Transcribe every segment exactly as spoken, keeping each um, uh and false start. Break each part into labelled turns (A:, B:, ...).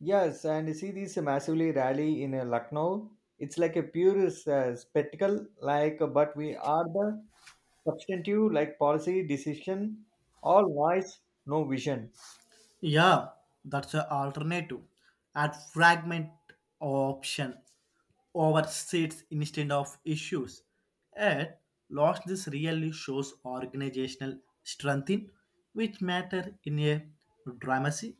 A: Yes, and you see these massively rally in uh, Lucknow. It's like a pure uh, spectacle, like, uh, but we are the substantive, like policy decision, all voice, no vision.
B: Yeah, that's an alternative. Add fragment option over seats instead of issues. At loss, this really shows organizational strength in which matter in a dramacy.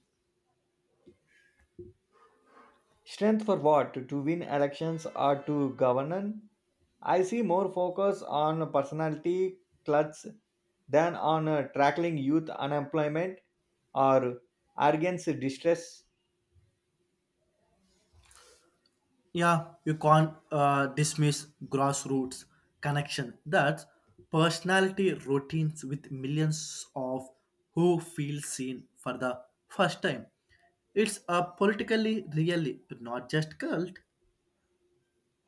A: Strength for what? To win elections or to govern? I see more focus on personality cluts than on uh, tackling youth unemployment or arrogance distress.
B: Yeah, you can't uh, dismiss grassroots connection. That's personality routines with millions of who feel seen for the first time. It's a politically really not just cult.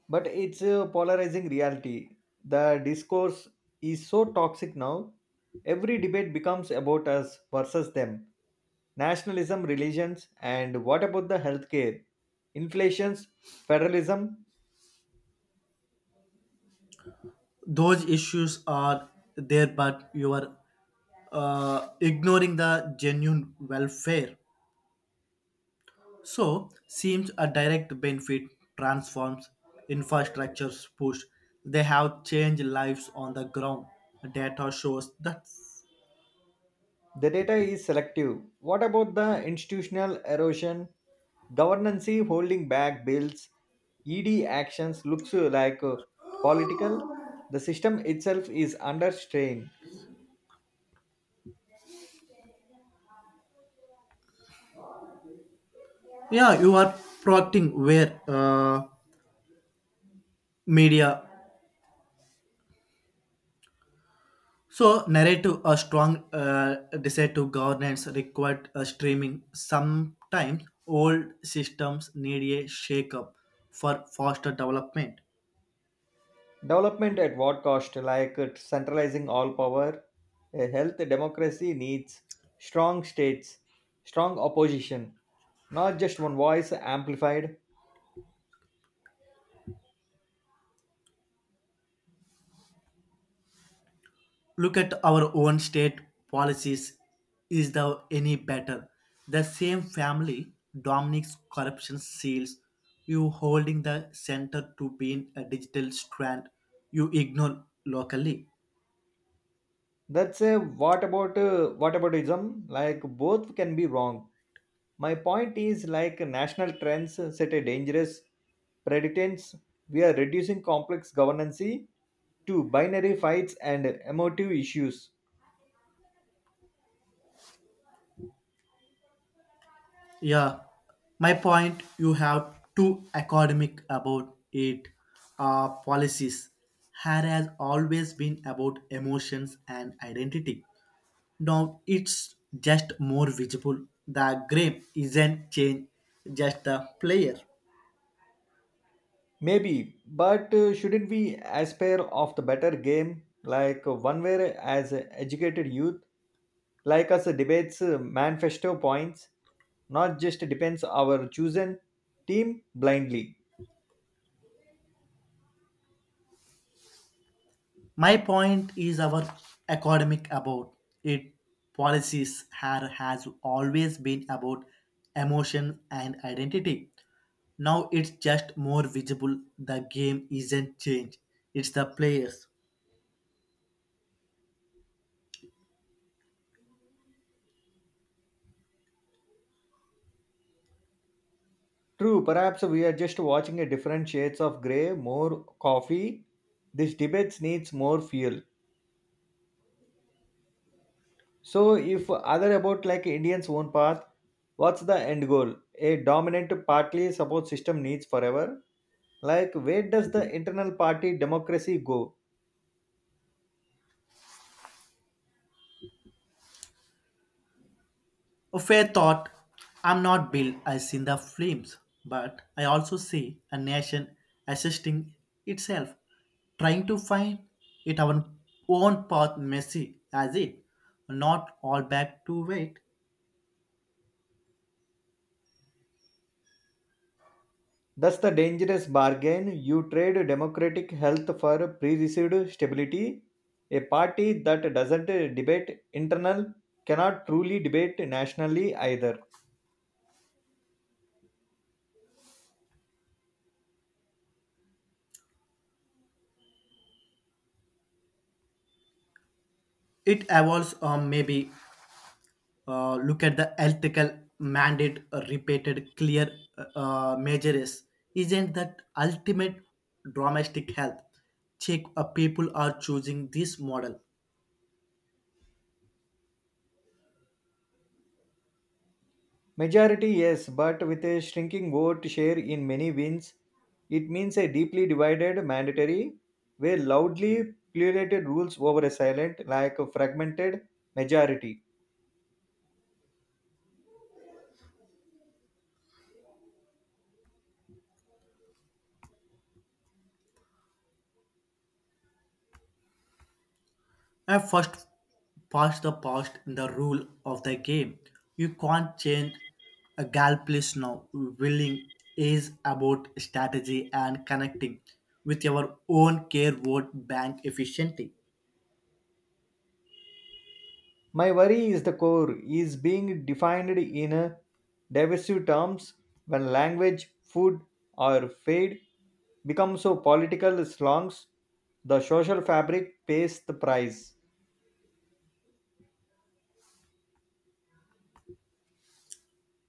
A: But it's a polarizing reality. The discourse is so toxic now. Every debate becomes about us versus them. Nationalism, religions, and what about the healthcare? Inflations, federalism.
B: Those issues are there, but you are uh, ignoring the genuine welfare. So, seems a direct benefit transforms infrastructures push. They have changed lives on the ground. Data shows that,
A: The data is selective. What about the institutional erosion? Governance holding back bills. E D actions looks like uh, political. The system itself is under strain.
B: yeah, you are protecting where uh, media. So narrative a strong uh, desire to governance required a streaming. Sometimes old systems need a shake up for faster development.
A: Development at what cost? Like uh, centralizing all power? A health democracy needs strong states, strong opposition, not just one voice amplified.
B: Look at our own state policies is the any better the same family dominic's corruption seals you holding the center to being a digital strand you ignore locally.
A: That's a what about uh, what aboutism? Like both can be wrong. My point is like national trends set a dangerous precedence. We are reducing complex governance to binary fights and emotive issues.
B: Yeah, my point you have too academic about it, uh, policies had has always been about emotions and identity. Now it's just more visible. The game isn't change, just the player.
A: Maybe, but uh, shouldn't we aspire of the better game, like uh, one where as a educated youth, like us uh, debates uh, manifesto points, not just depends our chosen team blindly.
B: My point is our academic about it policies have, has always been about emotion and identity. Now it's just more visible. The game isn't change. It's the players.
A: True, perhaps we are just watching a different shades of grey, more coffee. This debates needs more fuel. So if other about like Indians own path, what's the end goal? A dominant partly support system needs forever, like where does the internal party democracy go?
B: A fair thought. I'm not built as in the flames, but I also see a nation assisting itself, trying to find its own own path. Messy as it, not all back to wait.
A: That's the dangerous bargain. You trade democratic health for pre-received stability. A party that doesn't debate internal cannot truly debate nationally either.
B: It evolves. Or maybe uh, look at the ethical mandate. uh, Repeated clear uh, uh, measures isn't that ultimate domestic health. Check, uh, people are choosing this model.
A: Majority, yes, but with a shrinking vote share in many wins, it means a deeply divided mandatory where loudly pluralated rules over a silent, like a fragmented majority.
B: I first past the past in the rule of the game. You can't change a gal please now. Willing is about strategy and connecting with your own care vote bank efficiently.
A: My worry is the core is being defined in a divisive terms. When language, food, or fade become so political slangs, the social fabric pays the price.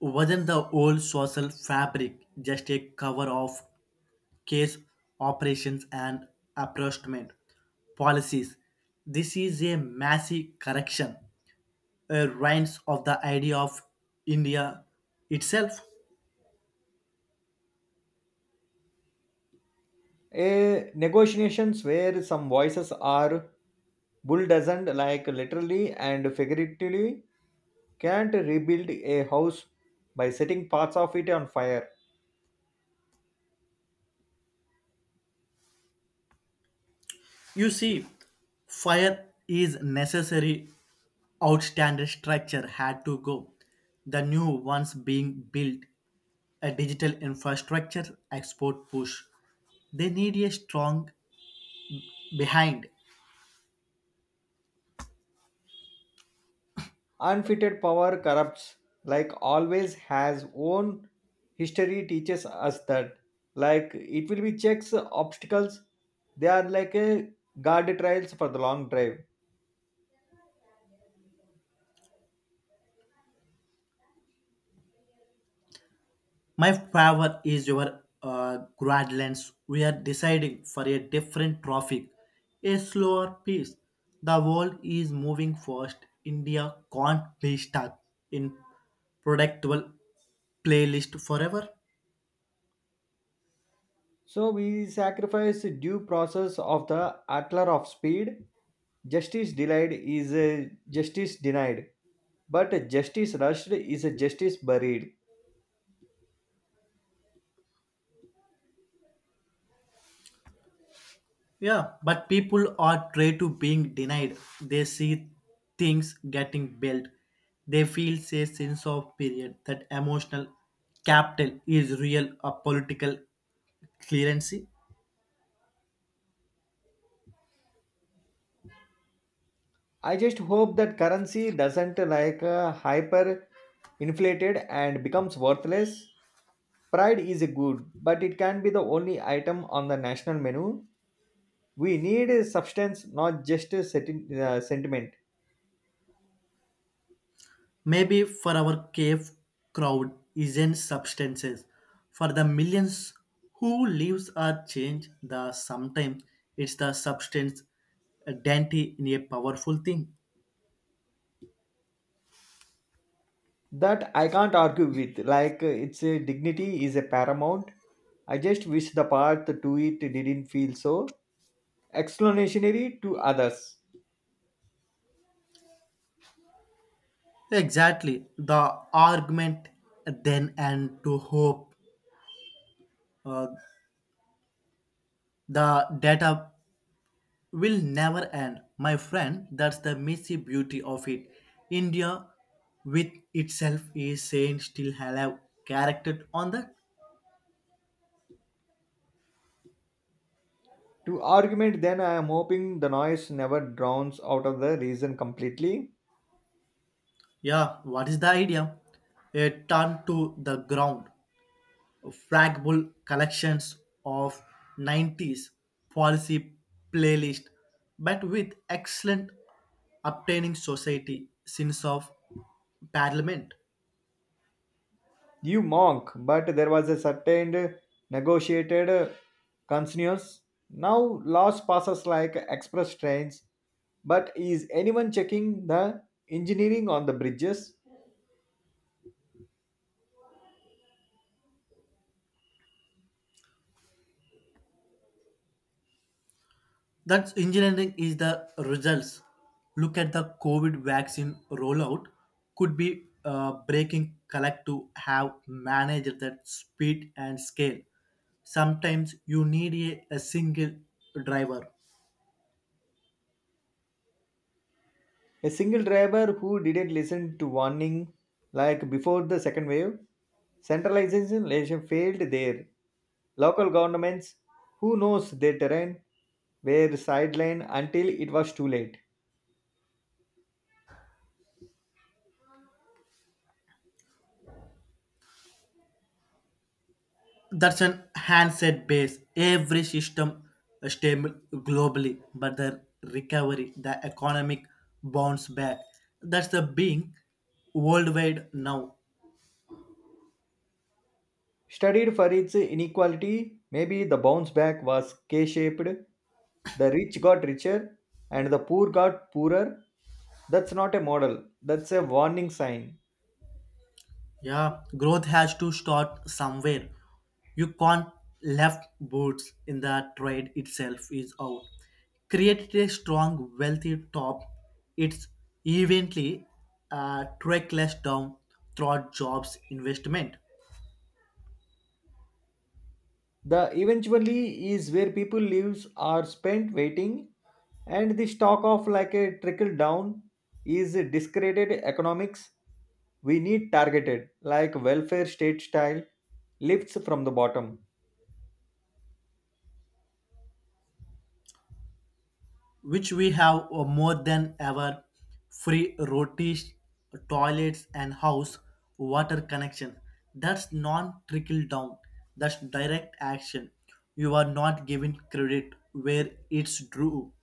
B: Wasn't the old social fabric just a cover of case operations and apportionment policies? This is a massive correction, a rise of the idea of India itself.
A: A negotiations where some voices are bulldozed, like literally and figuratively, can't rebuild a house by setting parts of it on fire.
B: You see, fire is necessary. Outstanding structure had to go. The new ones being built, a digital infrastructure export push. They need a strong behind.
A: Unfitted power corrupts, like always has own. History teaches us that. Like it will be checks, obstacles, they are like a guard trials for the long drive.
B: My favor is your uh, Gradlands. We are deciding for a different traffic, a slower pace. The world is moving fast. India can't be stuck in predictable playlist forever.
A: So we sacrifice due process of the atler of speed. Justice delayed is a justice denied, but justice rushed is a justice buried.
B: Yeah, but people are trained to being denied. They see things getting built. They feel a sense of period that emotional capital is real a political clearancy.
A: I just hope that currency doesn't like uh, hyper inflated and becomes worthless. Pride is a good, but it can be the only item on the national menu. We need a substance, not just a senti- uh, sentiment.
B: Maybe for our cave crowd isn't substances. For the millions who lives are changed, the sometimes it's the substance a dainty in a powerful thing.
A: That I can't argue with. Like uh, its uh, dignity is a paramount. I just wish the path to it didn't feel so explanationary to others.
B: Exactly. The argument then and to hope uh, the data will never end. My friend, that's the messy beauty of it. India with itself is saying still have character on that.
A: To argument, then I am hoping the noise never drowns out of the reason completely.
B: Yeah, what is the idea? A turn to the ground. Fragable collections of nineties policy playlist but with excellent obtaining society sins of parliament.
A: You mock, but there was a certain negotiated uh, continuous. Now loss passes like express trains, but is anyone checking the engineering on the bridges?
B: That's engineering is the results. Look at the covid vaccine rollout. Could be uh, breaking collect to have managed that speed and scale. Sometimes you need a, a single driver.
A: A single driver who didn't listen to warning like before the second wave, centralization legislation failed there. Local governments who knows their terrain were sidelined until it was too late.
B: That's an handset base. Every system is stable globally, but the recovery, the economic bounce back, that's the being worldwide now.
A: Studied for its inequality, maybe the bounce back was K shaped. The rich got richer and the poor got poorer. That's not a model, that's a warning sign.
B: Yeah, growth has to start somewhere. You can't left boots in the trade itself is out. Created a strong, wealthy top. It's evenly uh, trackless down throughout jobs investment.
A: The eventually is where people lives are spent waiting, and the stock of like a trickle down is discredited economics. We need targeted, like welfare state style, lifts from the bottom.
B: Which we have uh, more than ever free rotis, toilets, and house water connection. That's non trickle down, that's direct action. You are not giving credit where it's due.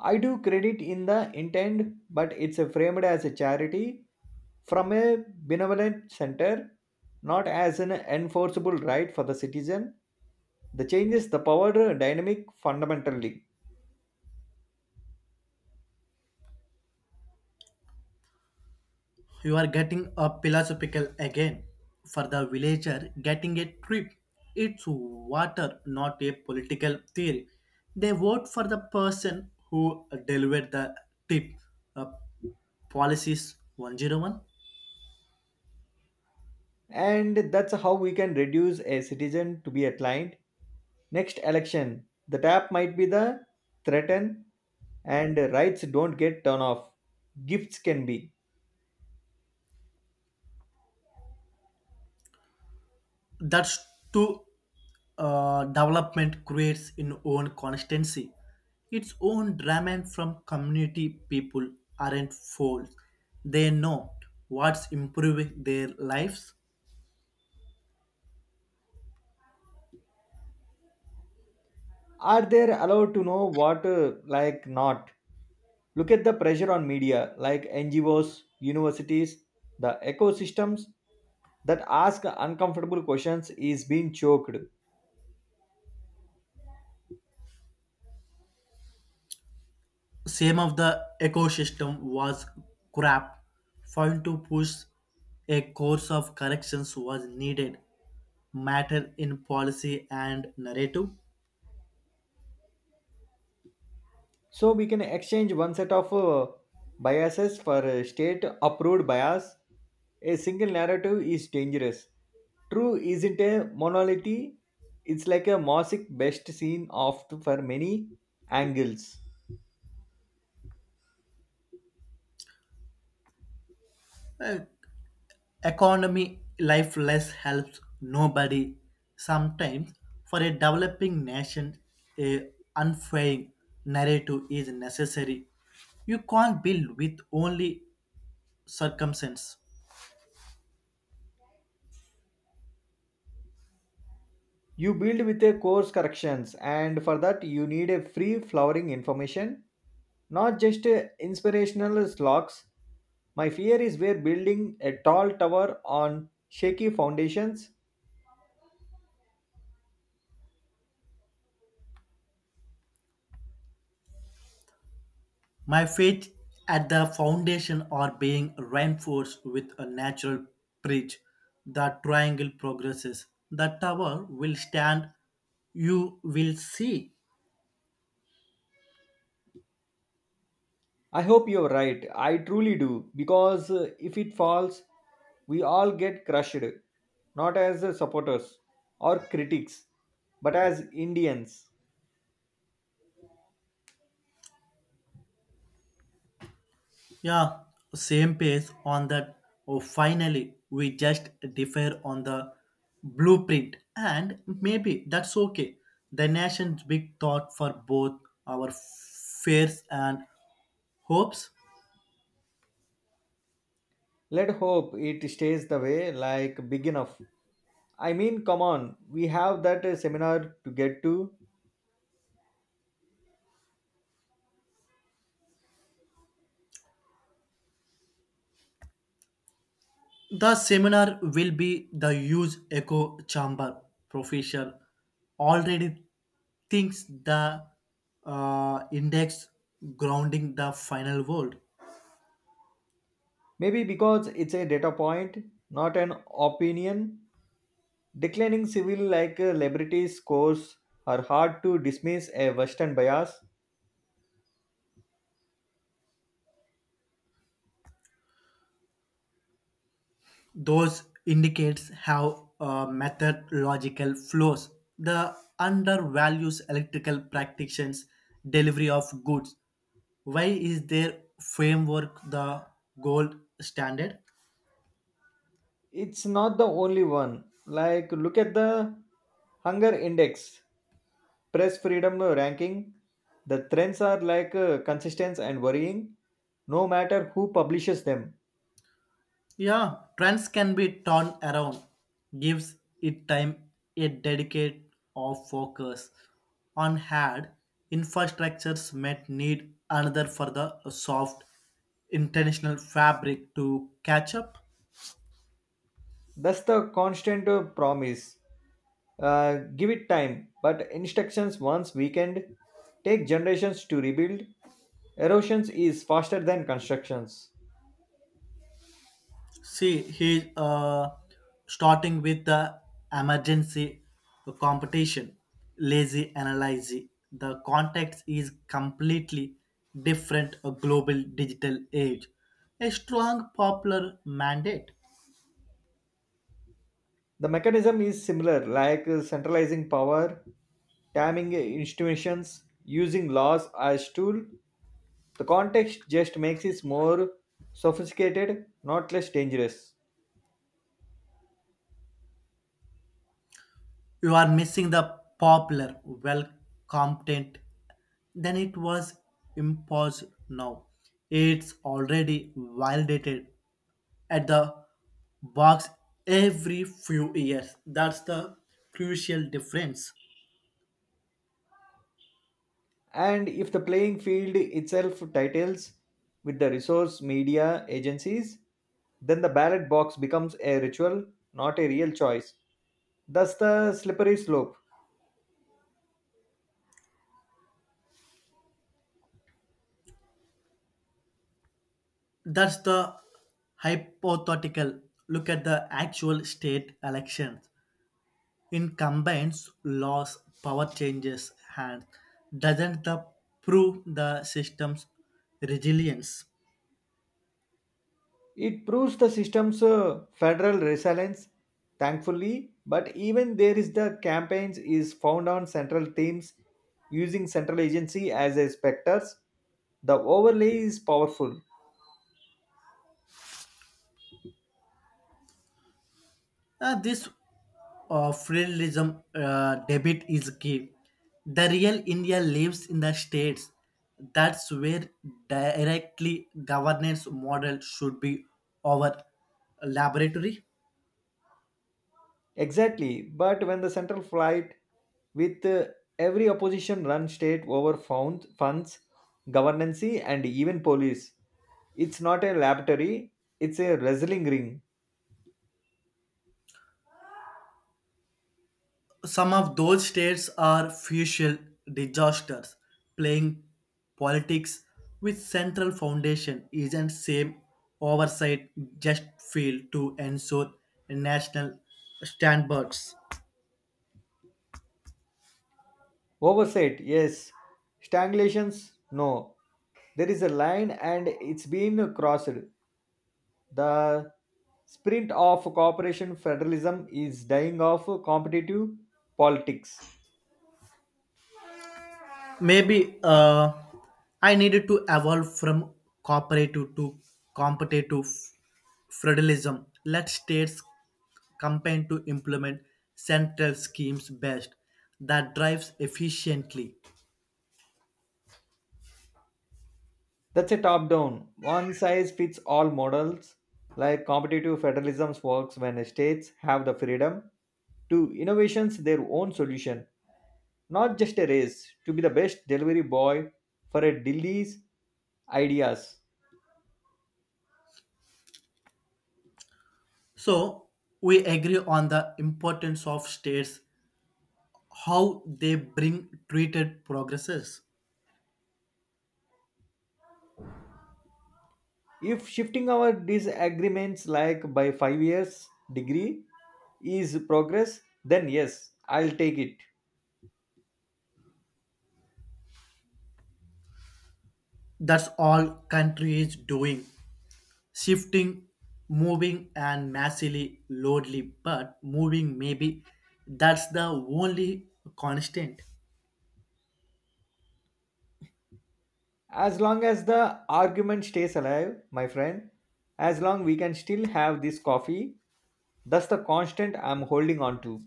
A: I do credit in the intent, but it's framed as a charity from a benevolent center, not as an enforceable right for the citizen. The changes the power dynamic fundamentally.
B: You are getting a philosophical again. For the villager, getting a trip, it's water, not a political theory. They vote for the person who delivered the tip. Uh, Policies one oh one.
A: And that's how we can reduce a citizen to be a client. Next election the tap might be the threaten, and rights don't get turned off, gifts can be.
B: That's to uh, development creates in own constancy its own drama from community. People aren't fools. They know what's improving their lives.
A: Are they allowed to know what uh, like not? Look at the pressure on media like ngos universities. The ecosystems that ask uncomfortable questions is being choked.
B: Same of the ecosystem was crap found to push a course of corrections was needed matter in policy and narrative.
A: So we can exchange one set of uh, biases for a state approved bias. A single narrative is dangerous. True isn't a monolith, it's like a mosaic best seen off for many angles.
B: Uh, Economy life less helps nobody. Sometimes, for a developing nation, a unfailing narrative is necessary. You can't build with only circumstance.
A: You build with a course corrections, and for that, you need a free flowering information, not just a inspirational slogs. My fear is we're building a tall tower on shaky foundations.
B: My faith at the foundation are being reinforced with a natural bridge. The triangle progresses. The tower will stand. You will see.
A: I hope you're right. I truly do. Because uh, if it falls, we all get crushed, not as uh, supporters or critics, but as Indians.
B: Yeah, same page on that. Oh, finally, we just differ on the blueprint, and maybe that's okay. The nation's big thought for both our fears and hopes.
A: Let hope it stays the way, like big enough. I mean, come on, we have that uh, seminar to get to.
B: The seminar will be the huge echo chamber. Professor already thinks the uh, index grounding the final world.
A: Maybe because it's a data point, not an opinion. Declining civil like uh, liberties scores are hard to dismiss a Western bias.
B: Those indicates how uh, methodological flows the undervalues electrical practitioners' delivery of goods. Why is their framework the gold standard?
A: It's not the only one. Like, look at the Hunger Index, press freedom ranking. The trends are like uh, consistent and worrying, no matter who publishes them.
B: Yeah, trends can be turned around. Gives it time a dedicate or focus on hard infrastructures might need another for the soft international fabric to catch up.
A: That's the constant uh, promise. Uh, give it time, but instructions once weakened take generations to rebuild. Erosions is faster than constructions.
B: See, he's uh, starting with the emergency competition, lazy analysis. The context is completely different a global digital age. A strong popular mandate.
A: The mechanism is similar, like uh, centralizing power, timing institutions, using laws as tool. The context just makes it more sophisticated, not less dangerous.
B: You are missing the popular, well competent. Then it was imposed now. It's already validated at the box every few years. That's the crucial difference.
A: And if the playing field itself titles with the resource media agencies, then the ballot box becomes a ritual, not a real choice. Thus, the slippery slope.
B: That's the hypothetical. Look at the actual state elections. In combines, laws, power changes, and doesn't the prove the system's resilience?
A: It proves the system's uh, federal resilience, thankfully, but even there is the campaigns is found on central teams using central agency as a specters. The overlay is powerful.
B: Uh, this uh, federalism uh, debit is key. The real India lives in the states. That's where directly governance model should be our laboratory.
A: Exactly, but when the central flight with uh, every opposition run state over found funds, governance and even police, it's not a laboratory, it's a wrestling ring.
B: Some of those states are future disasters. Playing politics with central foundation isn't same oversight just fail to ensure national standards.
A: Oversight, yes. Stagnations, no. There is a line and it's been crossed. The sprint of cooperation federalism is dying of competitive politics.
B: Maybe uh, I needed to evolve from cooperative to competitive federalism. Let states campaign to implement central schemes best that drives efficiently.
A: That's a top down, one size fits all models. Like competitive federalism works when states have the freedom to innovations their own solution, not just a race to be the best delivery boy for a Delhi's ideas.
B: So we agree on the importance of states, how they bring treated progresses.
A: If shifting our disagreements like by five years degree is progress, then yes, I'll take it.
B: That's all country is doing. Shifting, moving, and massively lonely, but moving maybe that's the only constant.
A: As long as the argument stays alive, my friend, as long we can still have this coffee, that's the constant I'm holding on to.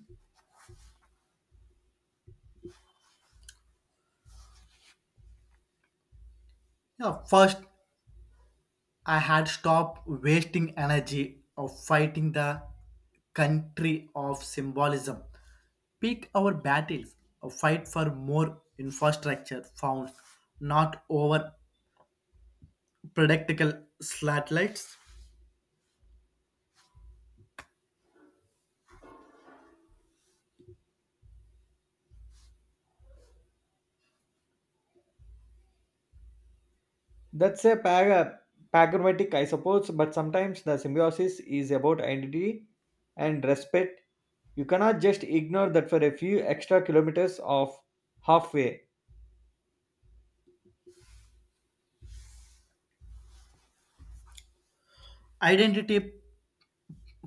B: Yeah, first, I had stopped wasting energy of fighting the country of symbolism. Pick our battles, a fight for more infrastructure funds, not over predictable satellites.
A: That's a para- pragmatic, I suppose, but sometimes the symbiosis is about identity and respect. You cannot just ignore that for a few extra kilometers of halfway.
B: Identity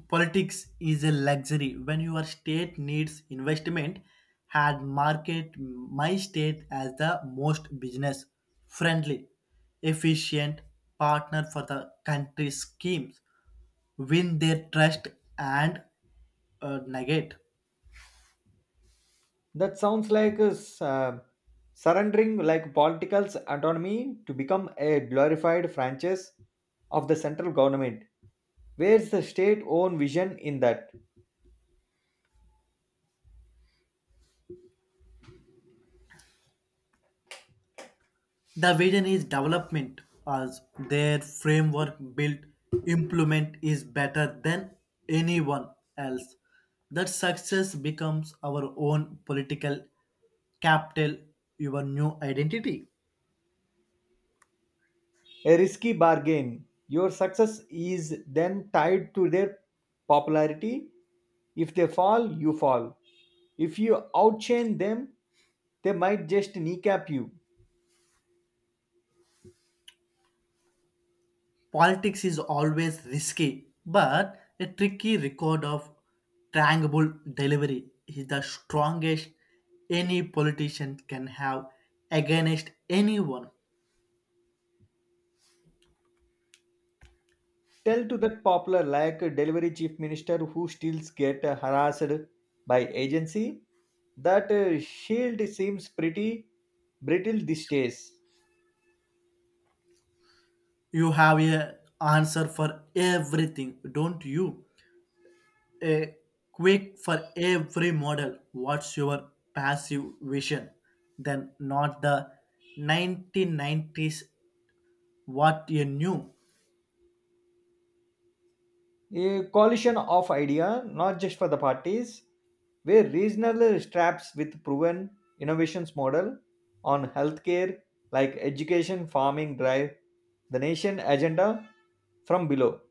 B: politics is a luxury when your state needs investment had market my state as the most business friendly, efficient partner for the country's schemes, win their trust and uh, negate.
A: That sounds like a s- uh, surrendering like political autonomy to become a glorified franchise of the central government. Where's the state owned vision in that?
B: The vision is development as their framework built implement is better than anyone else. That success becomes our own political capital, your new identity.
A: A risky bargain. Your success is then tied to their popularity. If they fall, you fall. If you outshine them, they might just kneecap you.
B: Politics is always risky, but a tricky record of tangible delivery is the strongest any politician can have against anyone.
A: Tell to that popular like delivery chief minister who still get harassed by agency. That uh, shield seems pretty brittle these days.
B: You have a answer for everything, don't you? A quick for every model. What's your passive vision? Then not the nineteen nineties what you knew.
A: A coalition of idea, not just for the parties, where regional straps with proven innovations model on healthcare like education, farming drive the nation agenda from below.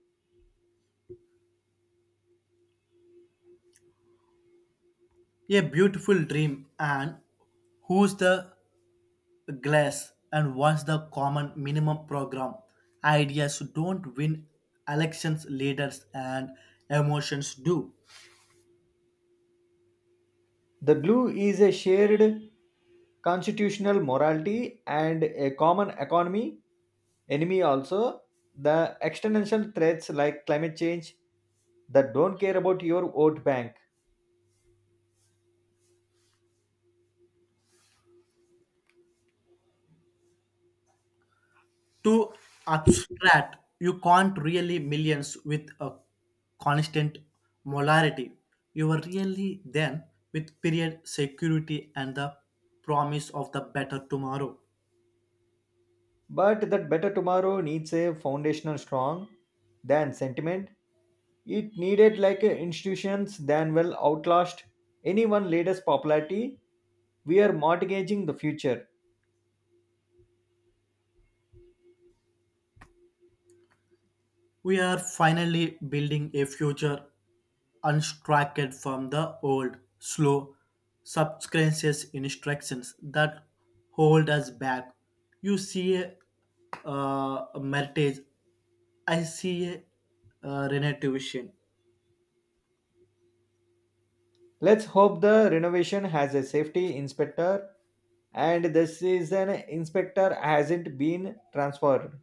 B: A beautiful dream and who's the glass and what's the common minimum program. Ideas don't win elections leaders and emotions do
A: The glue is a shared constitutional morality and a common economy enemy also. The external threats like climate change that don't care about your vote bank,
B: to abstract. You can't really millions with a constant molarity. You are really then with period security and the promise of the better tomorrow.
A: but that better tomorrow needs a foundational strong than sentiment. It needed like a institutions than well outlast any one leader's popularity. We are mortgaging the future.
B: We are finally building a future unstructured from the old slow subconscious instructions that hold us back. You see a, uh, a meritage. I see a, uh, renovation.
A: Let's hope the renovation has a safety inspector and this season inspector hasn't been transferred.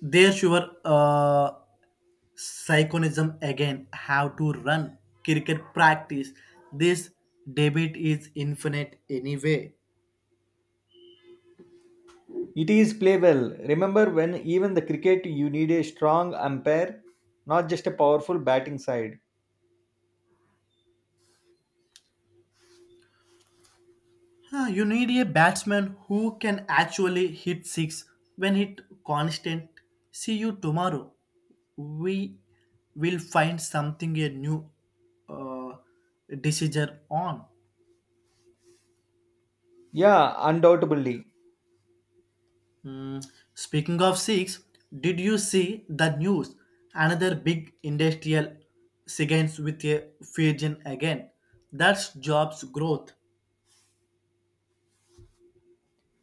B: There's your uh, psychonism again. How to run cricket practice. This debate is infinite anyway.
A: It is play well. Remember when even the cricket you need a strong umpire, not just a powerful batting side.
B: Huh, you need a batsman who can actually hit six when hit constant. See you tomorrow. We will find something a new uh, decision on.
A: Yeah, undoubtedly.
B: Hmm, speaking of six, did you see the news? Another big industrial signs with a fusion again. That's jobs growth.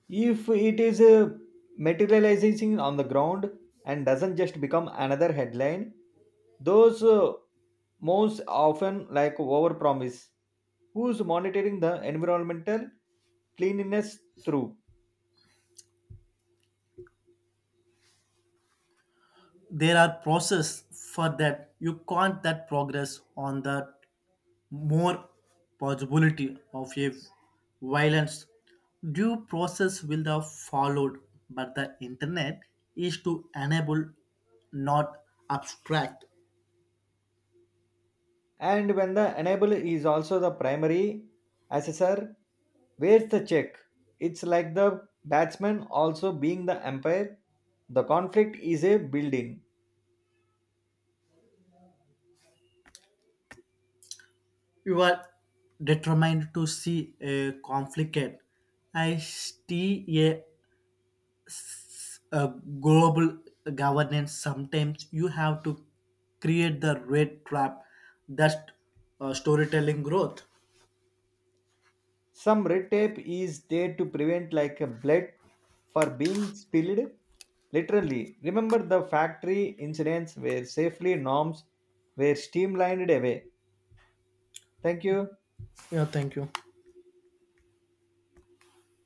A: If it is uh, materializing on the ground and doesn't just become another headline, those uh, most often like over, who's monitoring the environmental cleanliness through?
B: There are process for that. You can't that progress on the more possibility of a violence. Due process will the followed, but the internet is to enable, not abstract.
A: And when the enable is also the primary assessor, where's the check? It's like the batsman also being the umpire. The conflict is a building.
B: You are determined to see a conflict. I see a, a global governance. Sometimes you have to create the red trap. That's uh, storytelling growth.
A: Some red tape is there to prevent like a blood for being spilled literally. Remember the factory incidents where safely norms were streamlined away. Thank you.
B: Yeah, thank you.